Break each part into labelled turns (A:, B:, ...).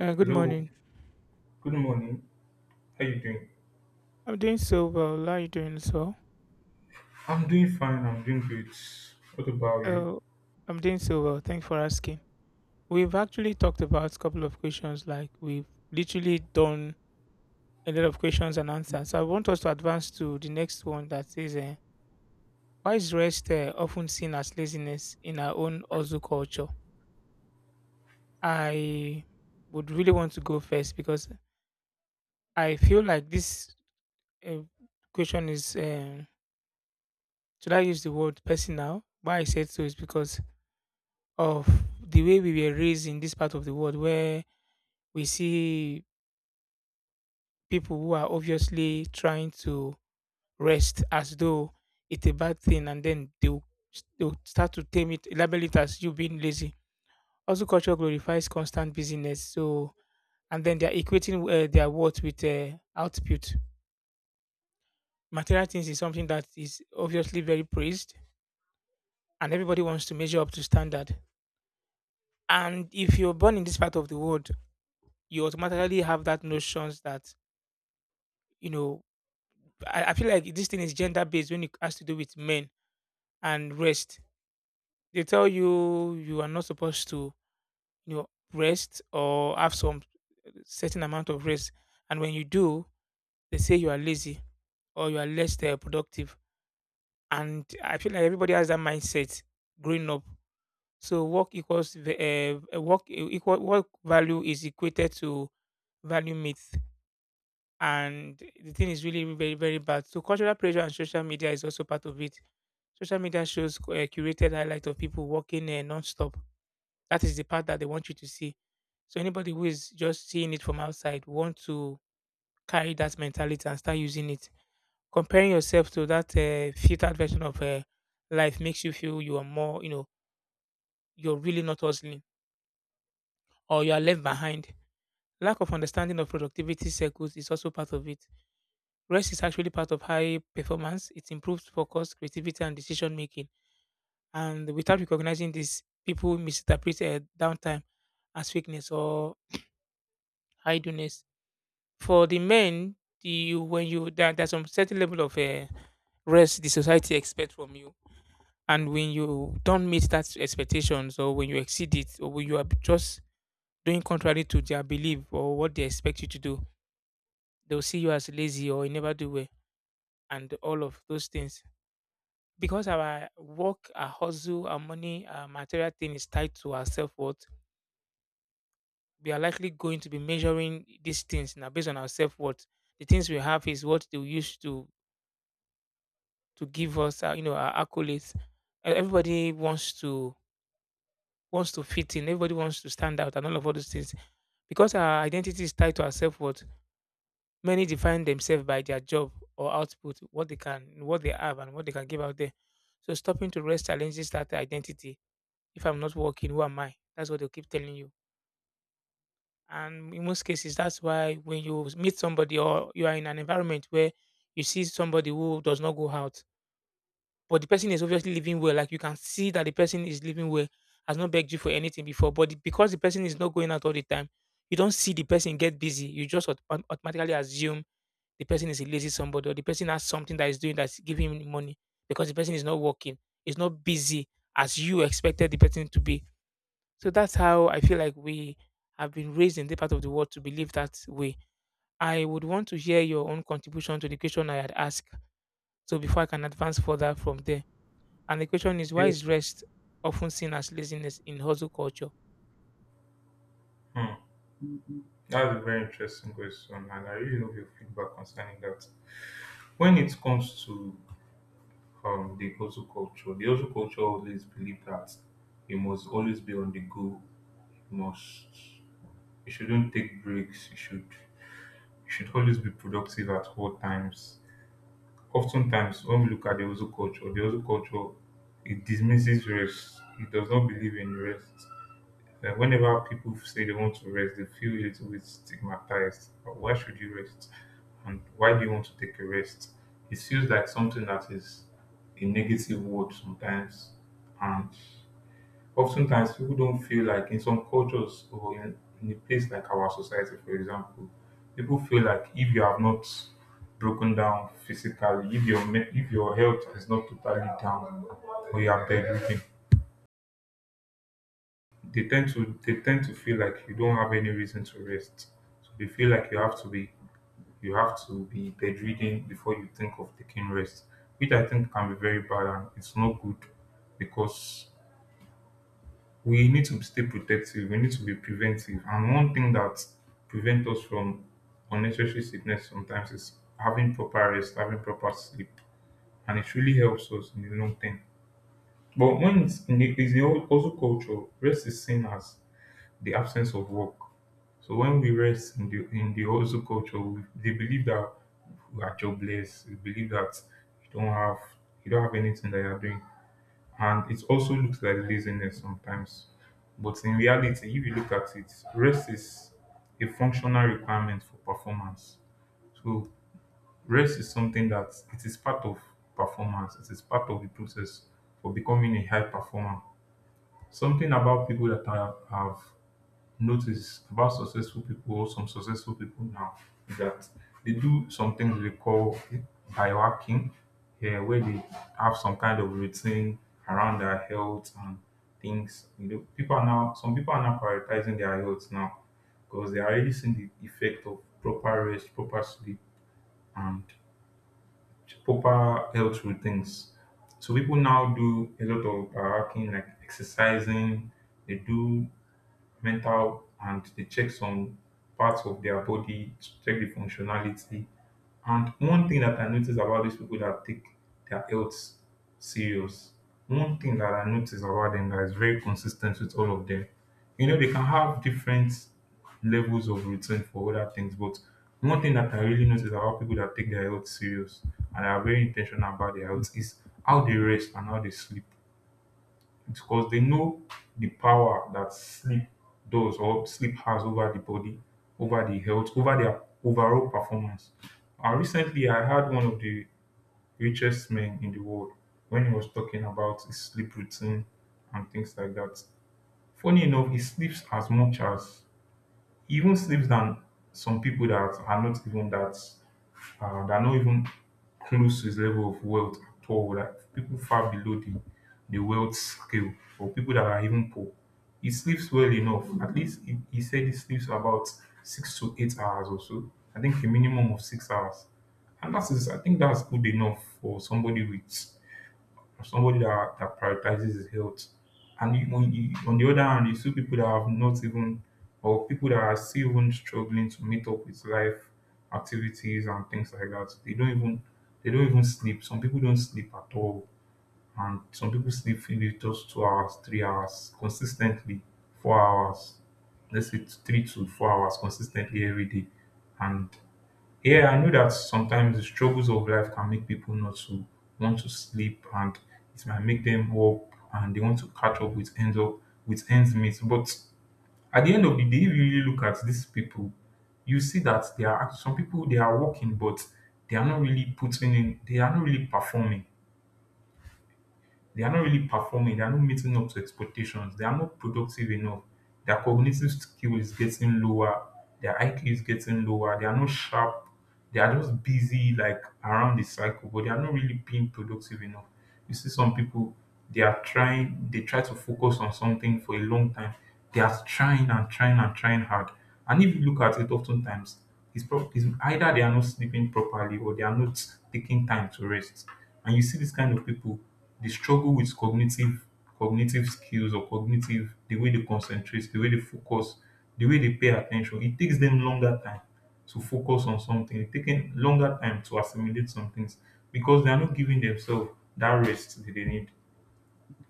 A: Good
B: Hello,
A: morning.
B: good morning. How you doing?
A: I'm doing so well. How are you doing as well?
B: I'm doing fine. I'm doing good. What about you?
A: So I'm doing so well. Thanks for asking. We've actually talked about a couple of questions, like we've literally done a lot of questions and answers. So I want us to advance to the next one that says, why is rest often seen as laziness in our own Ozu culture? I would really want to go first because I feel like this uh, question is, should I use the word personal? Why I said so is because of the way we were raised in this part of the world where we see people who are obviously trying to rest as though it's a bad thing, and then they'll start to tame it, label it as you being lazy. Also, culture glorifies constant busyness. So, and then they're equating their worth with output. Material things is something that is obviously very praised, and everybody wants to measure up to standard. And if you're born in this part of the world, you automatically have that notions that you know I feel like this thing is gender based when it has to do with men and rest. They tell you you are not supposed to, you know, rest or have some certain amount of rest, and when you do, they say you are lazy or you are less productive. And I feel like everybody has that mindset growing up. So work equal work value is equated to value myth, and the thing is really very bad. So cultural pressure and social media is also part of it. Social media shows curated highlight of people working non-stop. That is the part that they want you to see, so anybody who is just seeing it from outside want to carry that mentality and start using it, comparing yourself to that filtered version of life makes you feel you are more, you're really not hustling or you are left behind. Lack of understanding of productivity circles is also part of it. Rest is actually part of high performance. It improves focus, creativity, and decision making. And without recognizing this, people misinterpret downtime as weakness or idleness. For the men, when there's some certain level of rest the society expects from you, and when you don't meet that expectations, or when you exceed it, or when you are just doing contrary to their belief or what they expect you to do, they'll see you as lazy or you never do well, and all of those things. Because our work, our hustle, our money, our material thing is tied to our self worth, we are likely going to be measuring these things now based on our self worth. The things we have is what they used to give us, our accolades. Everybody wants to fit in. Everybody wants to stand out, and all of all those things. Because our identity is tied to our self worth, many define themselves by their job or output, what they can, what they have, and what they can give out there. So stopping to rest challenges that identity. If I'm not working, who am I? That's what they'll keep telling you. And in most cases, that's why when you meet somebody or you are in an environment where you see somebody who does not go out, but the person is obviously living well, like you can see that the person is living well, has not begged you for anything before, because the person is not going out all the time, you don't see the person get busy. You just automatically assume the person is a lazy somebody, or the person has something that is doing that's giving him money because the person is not working, is not busy as you expected the person to be. So that's how I feel like we have been raised in the part of the world to believe that way. I would want to hear your own contribution to the question I had asked, so before I can advance further from there. And the question is, why
B: Yeah.
A: is rest often seen as laziness in hustle culture?
B: Hmm. That's a very interesting question, and I really love your feedback concerning that. When it comes to the hustle culture always believe that you must always be on the go. You must. You shouldn't take breaks. You should. You should always be productive at all times. Oftentimes, when we look at the hustle culture it dismisses rest. It does not believe in rest. Whenever people say they want to rest, they feel a little bit stigmatized. Why should you rest? And why do you want to take a rest? It feels like something that is a negative word sometimes. And oftentimes people don't feel like in some cultures or in a place like our society, for example, people feel like if you have not broken down physically, if if your health is not totally down, or you are bedridden, they tend to feel like you don't have any reason to rest. So they feel like you have to be bedridden before you think of taking rest, which I think can be very bad and it's not good because we need to stay protective, we need to be preventive. And one thing that prevents us from unnecessary sickness sometimes is having proper rest, having proper sleep. And it really helps us in the long term. But when it's in the old- also culture, rest is seen as the absence of work. So when we rest in the hustle culture, we, they believe that we are jobless. We believe that you don't have you don't have anything that you're doing, and it also looks like laziness sometimes. But in reality, if you look at it, rest is a functional requirement for performance. So rest is something that it is part of performance. It is part of the process for becoming a high performer. Something about people that are, have notice about successful people, some successful people now, is that they do some things we call biohacking, yeah, where they have some kind of routine around their health and things. You know, people are now some people are now prioritizing their health now because they are already seeing the effect of proper rest, proper sleep, and proper health routines. So people now do a lot of biohacking, like exercising. They do mental and they check some parts of their body, check the functionality. And one thing that I notice about these people that take their health serious, one thing that I notice about them that is very consistent with all of them, you know, they can have different levels of routine for other things, but one thing that I really notice about people that take their health serious and are very intentional about their health is how they rest and how they sleep because they know the power that sleep does or sleep has over the body, over the health, over their overall performance. And recently, I had one of the richest men in the world when he was talking about his sleep routine and things like that. Funny enough, he sleeps as much as he even sleeps than some people that are not even that that are not even close to his level of wealth at all. Like people far below the wealth scale or people that are even poor. He sleeps well enough. At least he said he sleeps about 6 to 8 hours or so. I think a minimum of 6 hours. And that is I think that's good enough for somebody that, that prioritizes his health. And you, on the other hand, you see people that have not even, or people that are still even struggling to meet up with life activities and things like that. They don't even sleep. Some people don't sleep at all, and some people sleep maybe just 2 hours, 3 hours consistently, 4 hours. Let's say 3 to 4 hours consistently every day, and yeah, I know that sometimes the struggles of life can make people not to want to sleep and it might make them up and they want to catch up with ends meet. But at the end of the day, if you really look at these people, you see that there are some people they are working but they are not really performing. They are not really performing. They are not meeting up to expectations. They are not productive enough. Their cognitive skill is getting lower. Their IQ is getting lower. They are not sharp. They are just busy, like around the cycle, but they are not really being productive enough. You see, some people they try to focus on something for a long time. They are trying and trying and trying hard. And if you look at it, oftentimes it's either they are not sleeping properly or they are not taking time to rest. And you see this kind of people, they struggle with cognitive skills or cognitive, the way they concentrate, the way they focus, the way they pay attention. It takes them longer time to focus on something. It taking longer time to assimilate some things because they are not giving themselves that rest that they need.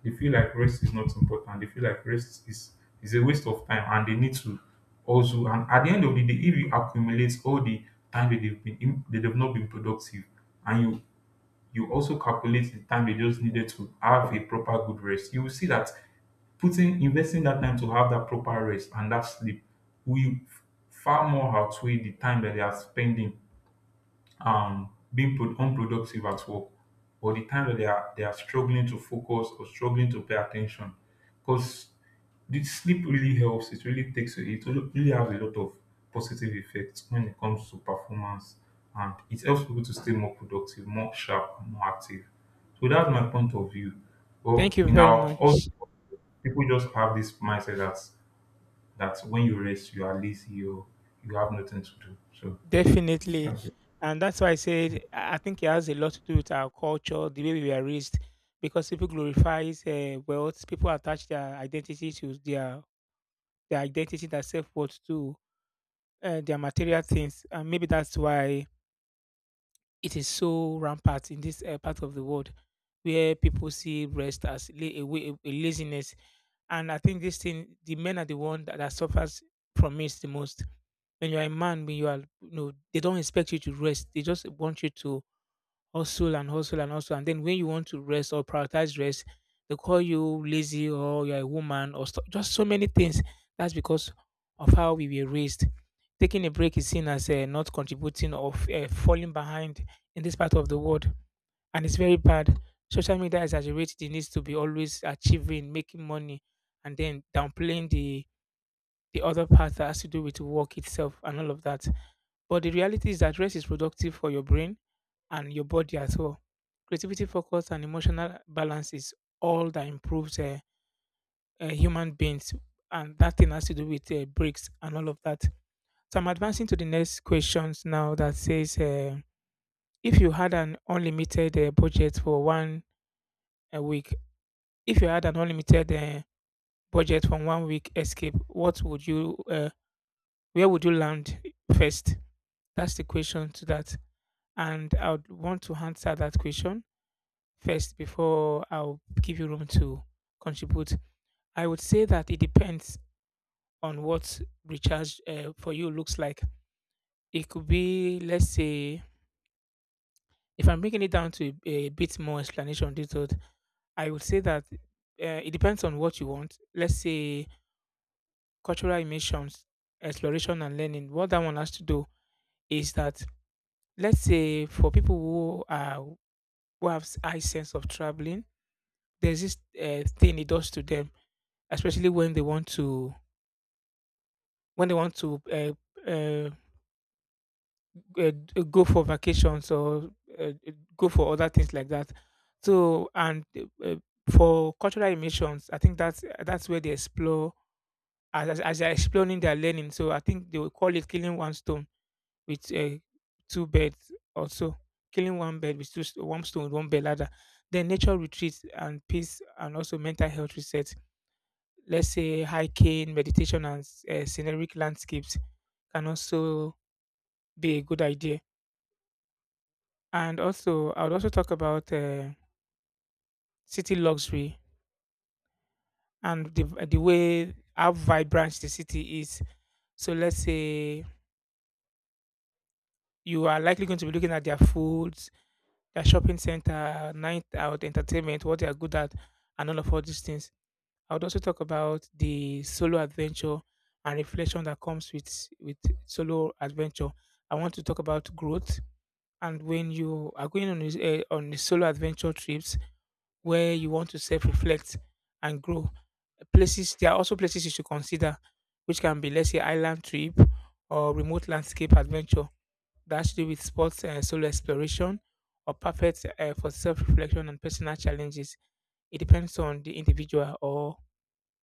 B: They feel like rest is not important. They feel like rest is a waste of time, and they need to also. And at the end of the day, if you accumulate all the time that they've been in, that they've not been productive, and you also calculate the time they just needed to have a proper good rest, you will see that putting investing that time to have that proper rest and that sleep will far more outweigh the time that they are spending being unproductive at work or the time that they are struggling to focus or struggling to pay attention because the sleep really helps, it really takes it, really really has a lot of positive effects when it comes to performance, and it helps people to stay more productive, more sharp, and more active. So that's my point of view.
A: Thank
B: Well,
A: you
B: in
A: very
B: our also
A: much.
B: people just have this mindset that that when you rest you are lazy or you have nothing to do, so
A: Definitely.
B: that's
A: And that's why I said I think it has a lot to do with our culture, the way we were raised, because people glorifies wealth. People attach their identity to their identity, their self worth to their material things. And maybe that's why it is so rampant in this part of the world where people see rest as a laziness. And I think this thing, the men are the one that suffers from it the most. When you're a man, when you are, you know, they don't expect you to rest. They just want you to hustle and hustle and hustle. And then when you want to rest or prioritize rest, they call you lazy, or you're a woman, or just so many things. That's because of how we were raised. Taking a break is seen as not contributing or falling behind in this part of the world. And it's very bad. Social media exaggerates the needs to be always achieving, making money, and then downplaying the other part that has to do with work itself and all of that. But the reality is that rest is productive for your brain and your body as well. Creativity, focus, and emotional balance is all that improves human beings, and that thing has to do with breaks and all of that. So I'm advancing to the next questions now that says, if you had an unlimited budget for one week, if you had an unlimited budget for one week escape, where would you land first? That's the question to that. And I would want to answer that question first before I'll give you room to contribute. I would say that it depends on what recharge for you looks like. It could be, let's say, if I'm bringing it down to a bit more explanation detailed, I would say that it depends on what you want. Let's say cultural immersions, exploration and learning. What that one has to do is that, let's say, for people who have high sense of traveling, there's this thing it does to them, especially when they want to, when they want to uh, uh, uh, go for vacations or go for other things like that. So and for cultural immersions, I think that's where they explore, as they're exploring their learning. So I think they will call it killing one stone with two birds, also killing one bird with one stone with one bird ladder. Then nature retreats and peace and also mental health research, let's say hiking, meditation, and scenic landscapes can also be a good idea. And also, I would also talk about city luxury and the way how vibrant the city is. So let's say you are likely going to be looking at their foods, their shopping center, night out entertainment, what they are good at, and all of all these things. I would also talk about the solo adventure and reflection that comes with solo adventure. I want to talk about growth. And when you are going on a solo adventure trips where you want to self-reflect and grow, places there are also places you should consider, which can be, let's say, island trip or remote landscape adventure that has to do with sports and solo exploration, or perfect for self-reflection and personal challenges. It depends on the individual or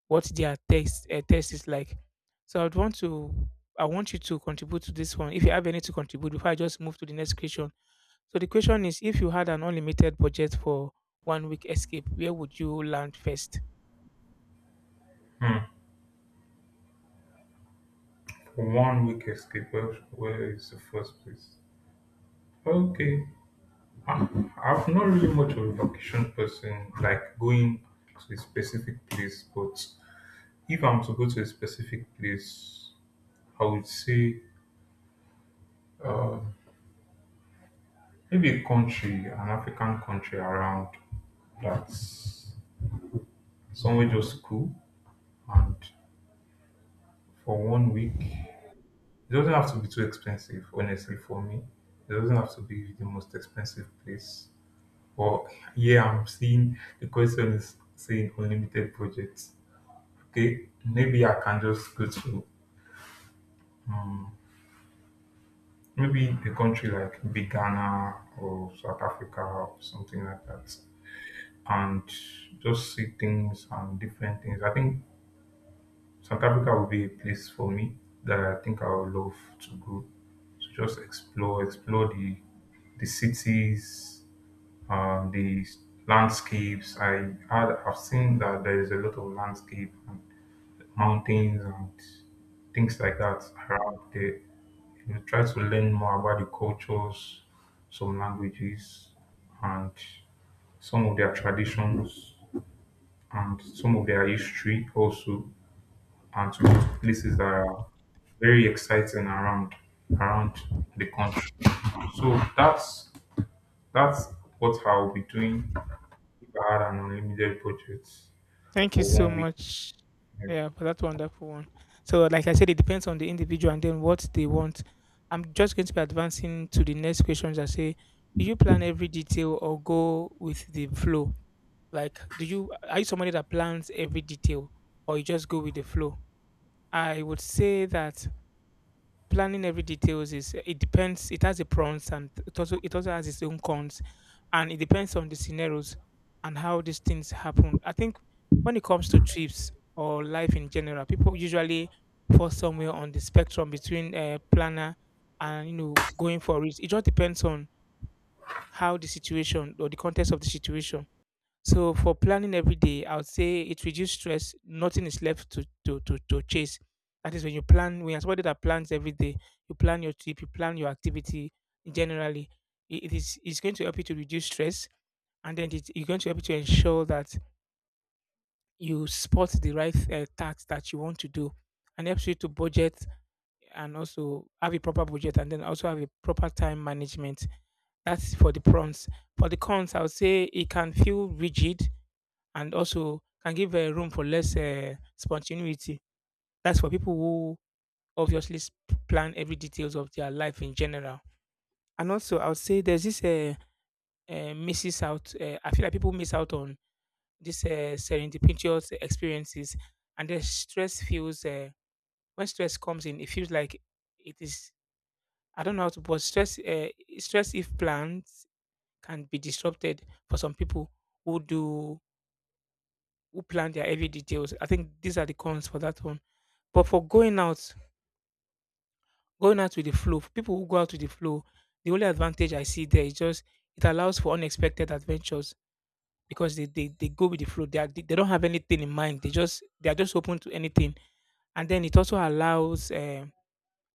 A: what their taste is like. So I want you to contribute to this one, if you have any to contribute before I just move to the next question. So the question is, if you had an unlimited budget for one week escape, where would you land first?
B: it. 1 week wicketkeeper, where is the first place. Okay, I, I'm not really much of a vacation person, like going to a specific place. But if I'm to go to a specific place, I would say maybe a country, an African country around, that's somewhere just cool, and for 1 week. It doesn't have to be too expensive, honestly, for me. It doesn't have to be the most expensive place. Well, yeah, I'm seeing the question is saying unlimited budgets. Okay, maybe I can just go to um, maybe a country like maybe Ghana or South Africa or something like that, and just see things and different things. I think South Africa would be a place for me that I think I would love to go to, just explore, explore the cities, uh, the s- landscapes. I've seen that there is a lot of landscape and mountains and things like that around there. You try to learn more about the cultures, some languages, and some of their traditions and some of their history also, and to go to places that are very exciting around around the country. So that's what I'll be doing had an unlimited budget
A: Thank you
B: for
A: so
B: 1 week.
A: much. Yeah, for that wonderful one. So, like I said, it depends on the individual and then what they want. I'm just going to be advancing to the next questions. I say, do you plan every detail or go with the flow? Like, do you are you somebody that plans every detail or you just go with the flow? I would say that planning every details is it depends it has a pros and it also has its own cons, and it depends on the scenarios and how these things happen. I think when it comes to trips or life in general, people usually fall somewhere on the spectrum between planner and you know going for it. It just depends on how the situation or the context of the situation. So for planning every day, I would say it reduces stress. Nothing is left to chase. That is when you plan. When you're somebody that plans every day, you plan your trip, you plan your activity. Generally, it's going to help you to reduce stress, and then it's going to help you to ensure that you spot the right tasks that you want to do, and helps you to budget and also have a proper budget, and then also have a proper time management. That's for the pros. For the cons, I would say it can feel rigid and also can give room for less spontaneity. That's for people who obviously s- plan every details of their life in general. And also, I would say there's this misses out. I feel like people miss out on this serendipitous experiences, and the stress feels when stress comes in, it feels like it is. I don't know how to, but stress if planned can be disrupted for some people who do who plan their every details. I think these are the cons for that one. But for going out with the flow, for people who go out with the flow, the only advantage I see there is just it allows for unexpected adventures because they go with the flow. They, are, they don't have anything in mind. They are just open to anything, and then it also allows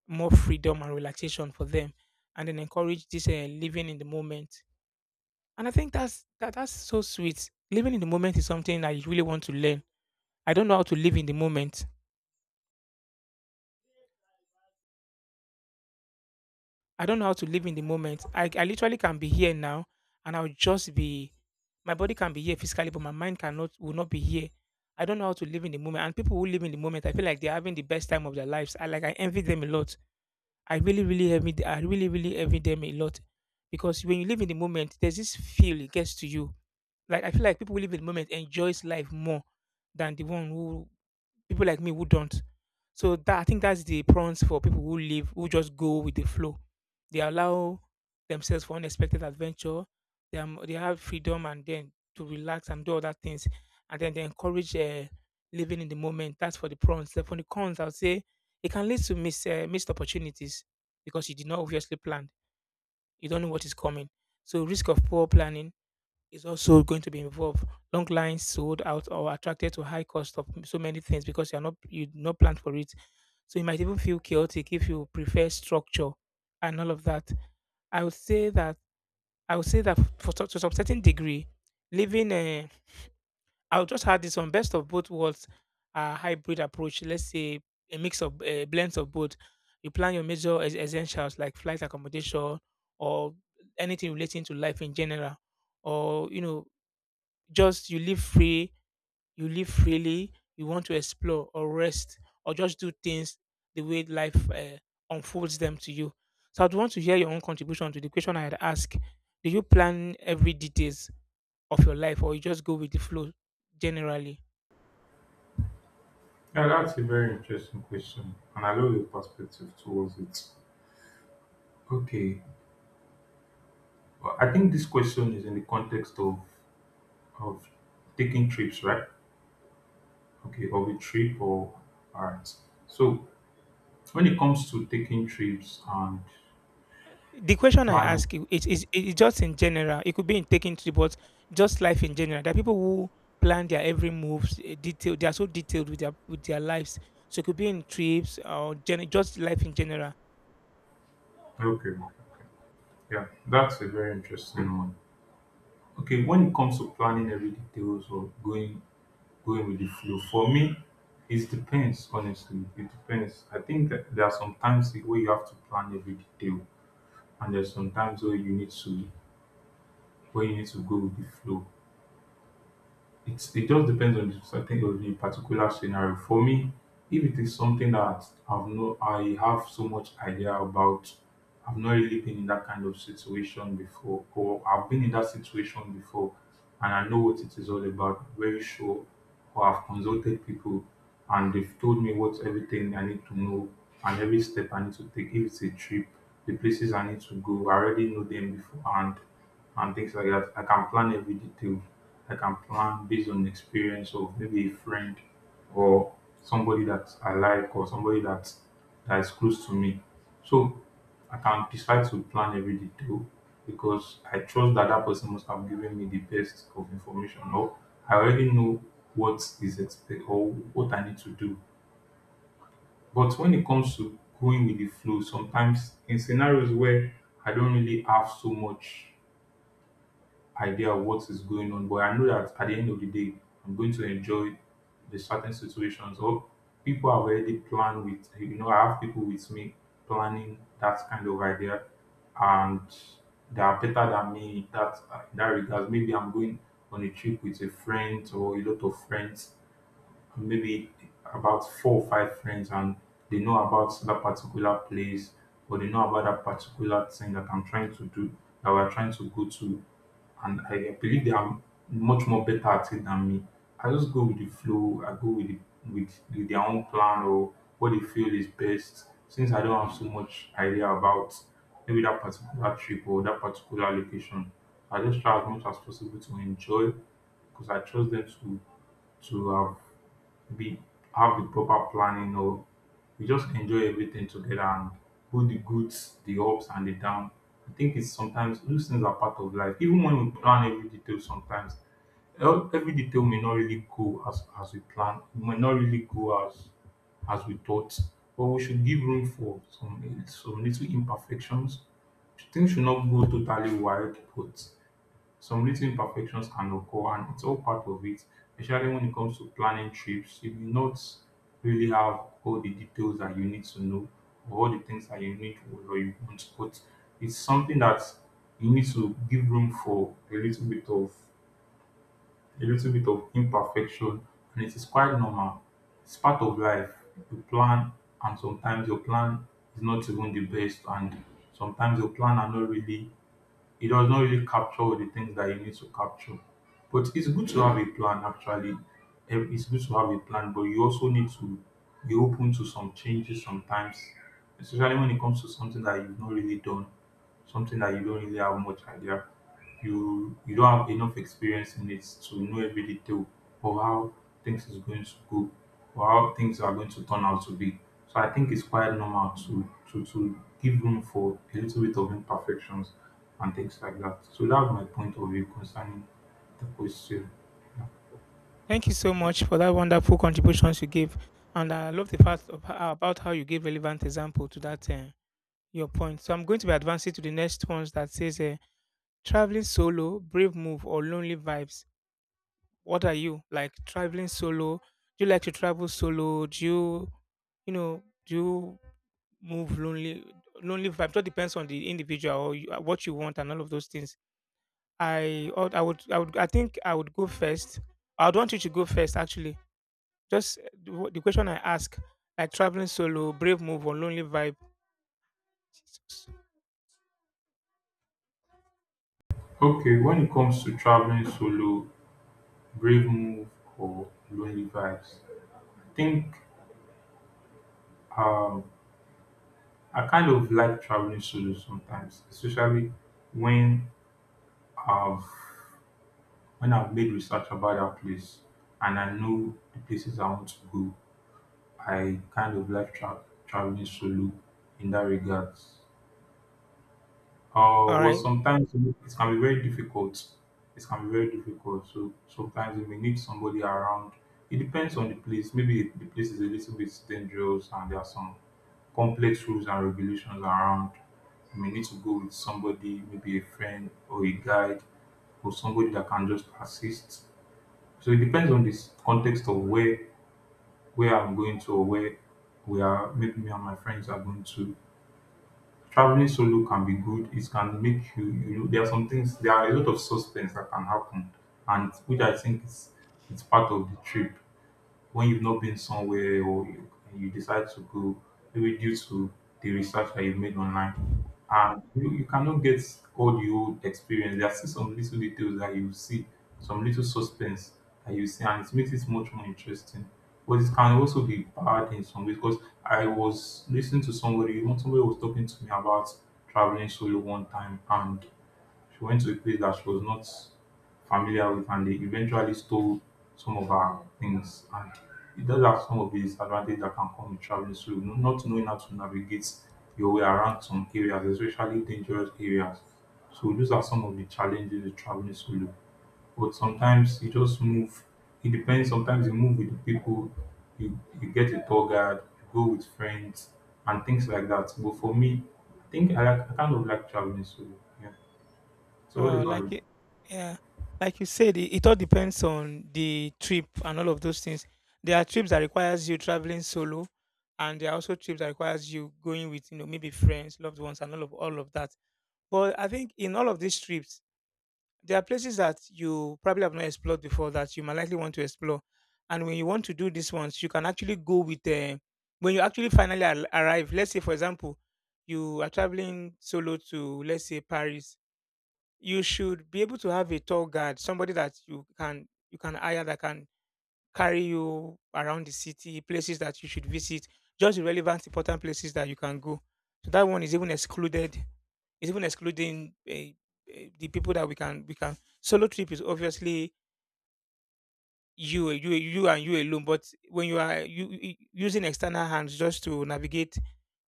A: more freedom and relaxation for them, and then encourage this living in the moment. And I think that's so sweet. Living in the moment is something I really want to learn. I don't know how to live in the moment. I don't know how to live in the moment. I literally can be here now, and I'll just be my body can be here physically, but my mind cannot will not be here. I don't know how to live in the moment. And people who live in the moment, I feel like they're having the best time of their lives. I like, I envy them a lot. I really, really envy them a lot. Because when you live in the moment, there's this feel it gets to you. Like, I feel like people who live in the moment enjoys life more than the one who, people like me who don't. So that I think that's the prawns for people who live who just go with the flow. They allow themselves for unexpected adventure. They have freedom and then to relax and do other things, and then they encourage living in the moment. That's for the prawns. Then for the cons, I'll say it can lead to missed opportunities because you did not obviously plan. You don't know what is coming. So risk of poor planning is also going to be involved. Long lines sold out or attracted to high cost of so many things because you did not plan for it. So you might even feel chaotic if you prefer structure and all of that. I would say that I would say that for to some certain degree, living I'll just add this on best of both worlds, a hybrid approach. Let's say a mix of blends of both. You plan your major essentials like flight accommodation, or anything relating to life in general, or you know just you live free, you live freely, you want to explore or rest or just do things the way life unfolds them to you. So I'd want to hear your own contribution to the question I had asked. Do you plan every details of your life or you just go with the flow generally?
B: Yeah, that's a very interesting question, and I love your perspective towards it. Okay, well, I think this question is in the context of taking trips, right? Okay, of a trip or all right. So when it comes to taking trips and
A: The question I
B: planning,
A: ask you, it just in general. It could be in taking to, but just life in general. There are people who plan their every moves, detailed. They are so detailed with their lives. So it could be in trips or just life in general.
B: okay, yeah, that's a very interesting one. Okay, when it comes to planning every details of going with the flow. For me, it depends, honestly. It depends. I think that there are some times where you have to plan every detail, and there's some times where you need to go with the flow. It's it just depends on the certain on the particular scenario. For me, if it is something that I've no I have so much idea about, I've not really been in that kind of situation before, or I've been in that situation before and I know what it is all about, very sure, or I've consulted people and they've told me what everything I need to know and every step I need to take. If it's a trip, the places I need to go, I already know them beforehand and things like that. I can plan every detail. I can plan based on experience of maybe a friend or somebody that I like or somebody that is close to me. So I can decide to plan every detail because I trust that that person must have given me the best of information, or I already know what is expected or what I need to do. But when it comes to going with the flow, sometimes in scenarios where I don't really have so much idea of what is going on, but I know that at the end of the day, I'm going to enjoy the certain situations. Or people have already planned with, I have people with me planning that kind of idea, and they are better than me in that regard. Maybe I'm going on a trip with a friend or a lot of friends, maybe about four or five friends, and they know about that particular place, or they know about that particular thing that I'm trying to do, that we're trying to go to, and I believe they are much more better at it than me. I just go with the flow. I go with their own plan or what they feel is best. Since I don't have so much idea about maybe that particular trip or that particular location, I just try as much as possible to enjoy, because I trust them to to have be have the proper planning, or we just enjoy everything together and put the goods, the ups and the down. I think it's sometimes those things are part of life. Even when we plan every detail, sometimes every detail may not really go as we plan. It may not really go as we thought. But we should give room for some little imperfections. Things should not go totally wild, but some little imperfections can occur, and it's all part of it, especially when it comes to planning trips. You will not really have all the details that you need to know, or all the things that you need or you want to put. It's something that you need to give room for a little bit of imperfection, and it is quite normal. It's part of life. You plan, and sometimes your plan is not even the best, and sometimes your plan are not really, it does not really capture all the things that you need to capture. But it's good to have a plan actually. It's good to have a plan, but you also need to be open to some changes sometimes, especially when it comes to something that you've not really done, something that you don't really have much idea. You don't have enough experience in it to know every detail of how things is going to go or how things are going to turn out to be. So I think it's quite normal to give room for a little bit of imperfections and things like that. So that's my point of view concerning the question.
A: Thank you so much for that wonderful contributions you gave, and I love the fact of, about how you gave relevant example to that your point. So I'm going to be advancing to the next ones that says traveling solo, brave move, or lonely vibes. What are you like? Traveling solo? Do you like to travel solo? Do you, you know, do you move lonely? Lonely vibe. It all depends on the individual or you, what you want and all of those things. I think I would go first. I'd want you to go first actually. Just the question I ask, like traveling solo, brave move or lonely vibe. Jesus.
B: Okay, when it comes to traveling solo, brave move or lonely vibes, I think um I kind of like traveling solo sometimes, especially when I've made research about that place and I know the places I want to go. I kind of like traveling solo in that regard.
A: All
B: But
A: right.
B: sometimes it can be very difficult. It can be very difficult. So sometimes you may need somebody around. It depends on the place. Maybe the place is a little bit dangerous and there are some complex rules and regulations around. You may need to go with somebody, maybe a friend or a guide or somebody that can just assist. So it depends on this context of where I'm going to, or where we are. Maybe me and my friends are going to. Traveling solo can be good. It can make you, there are some things, there are a lot of suspense that can happen, and which I think is it's part of the trip, when you've not been somewhere or you decide to go, maybe due to the research that you've made online, and you cannot get all the old experience. There are still some little details that you see, some little suspense that you see, and it makes it much more interesting. But it can also be bad in some ways, because I was listening to somebody. One somebody was talking to me about traveling solo one time, and she went to a place that she was not familiar with, and they eventually stole some of her things. And it does have some of the disadvantage that can come with traveling solo, not knowing how to navigate your way around some areas, especially dangerous areas. So those are some of the challenges with traveling solo. But sometimes you just move. It depends. Sometimes you move with the people, you get a tour guide, you go with friends, and things like that. But for me, I think I kind of like traveling solo. Yeah. So what about you?
A: Like it, yeah, like you said, it all depends on the trip and all of those things. There are trips that requires you traveling solo, and there are also trips that requires you going with you know maybe friends, loved ones, and all of that. But I think in all of these trips, there are places that you probably have not explored before that you might likely want to explore. And when you want to do these ones, you can actually go with when you actually finally arrive. Let's say, for example, you are traveling solo to, let's say, Paris. You should be able to have a tour guide, somebody that you can hire that can carry you around the city, places that you should visit, just the relevant important places that you can go. So that one is even excluded it's even excluding the people that we can, solo trip is obviously you and you alone. But when you using external hands just to navigate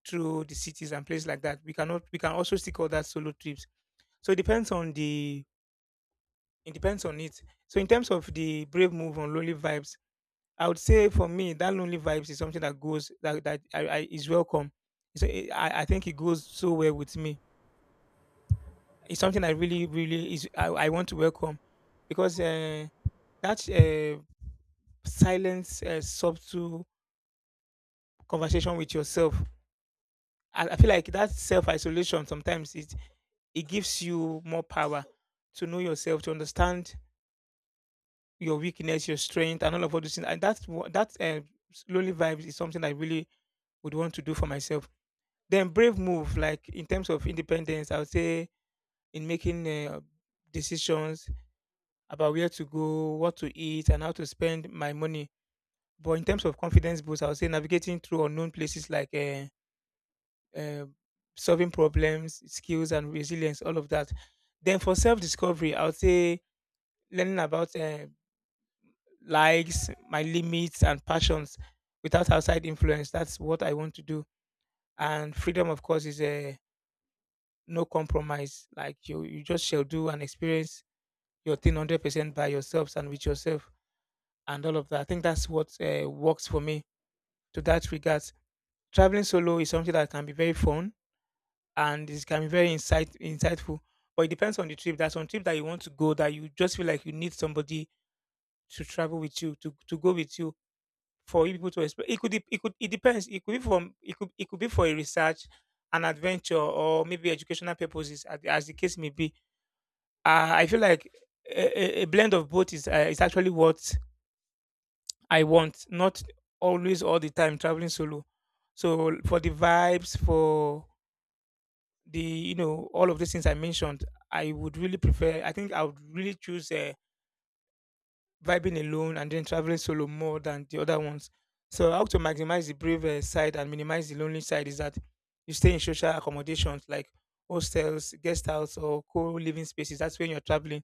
A: through the cities and places like that, we cannot we can also still call that solo trips. So it depends on the, it depends on it. So in terms of the brave move on lonely vibes, I would say for me that lonely vibes is something that goes that that I is welcome. So I think it goes so well with me. It's something I really, I want to welcome because that silence, subtle conversation with yourself. I feel like that self isolation sometimes it, it gives you more power to know yourself, to understand your weakness, your strength, and all those things. And that's what that slowly vibes is something I really would want to do for myself. Then brave move, like in terms of independence, I would say in making decisions about where to go, what to eat, and how to spend my money. But in terms of confidence boost, I would say navigating through unknown places like uh, solving problems, skills, and resilience, all of that. Then for self discovery, I would say learning about likes, my limits, and passions without outside influence. That's what I want to do. And freedom, of course, is a no compromise. Like you just shall do and experience your thing 100% by yourselves and with yourself, and all of that. I think that's what works for me to that regard. Traveling solo is something that can be very fun and it can be very insightful. But it depends on the trip. That's one trip that you want to go that you just feel like you need somebody to travel with you to go with you for you people to explore. It depends. It could be for a research, an adventure, or maybe educational purposes, as the case may be. I feel like a blend of both is actually what I want, not always all the time traveling solo. So for the vibes, for the you know all of these things I mentioned, I would really prefer. I think I would really choose vibing alone and then traveling solo more than the other ones. So how to maximize the brave side and minimize the lonely side is that you stay in social accommodations like hostels, guest house, or co-living spaces. That's when you're traveling,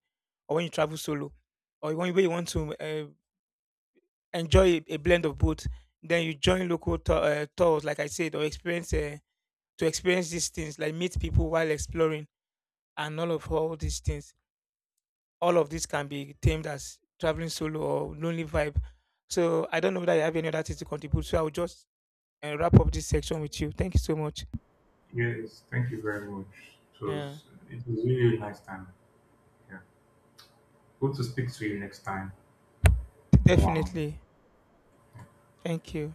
A: or when you travel solo, or when you want to enjoy a blend of both. Then you join local tours, like I said, or experience to experience these things, like meet people while exploring, and all these things. All of this can be termed as traveling solo or lonely vibe. So I don't know that you have any other things to contribute. So I will just wrap up this section with you. Thank you so much.
B: Yes, thank you very much. It
A: Yeah,
B: was really a nice time. Yeah. Hope to speak to you next time. Mwah.
A: definitely. Thank you.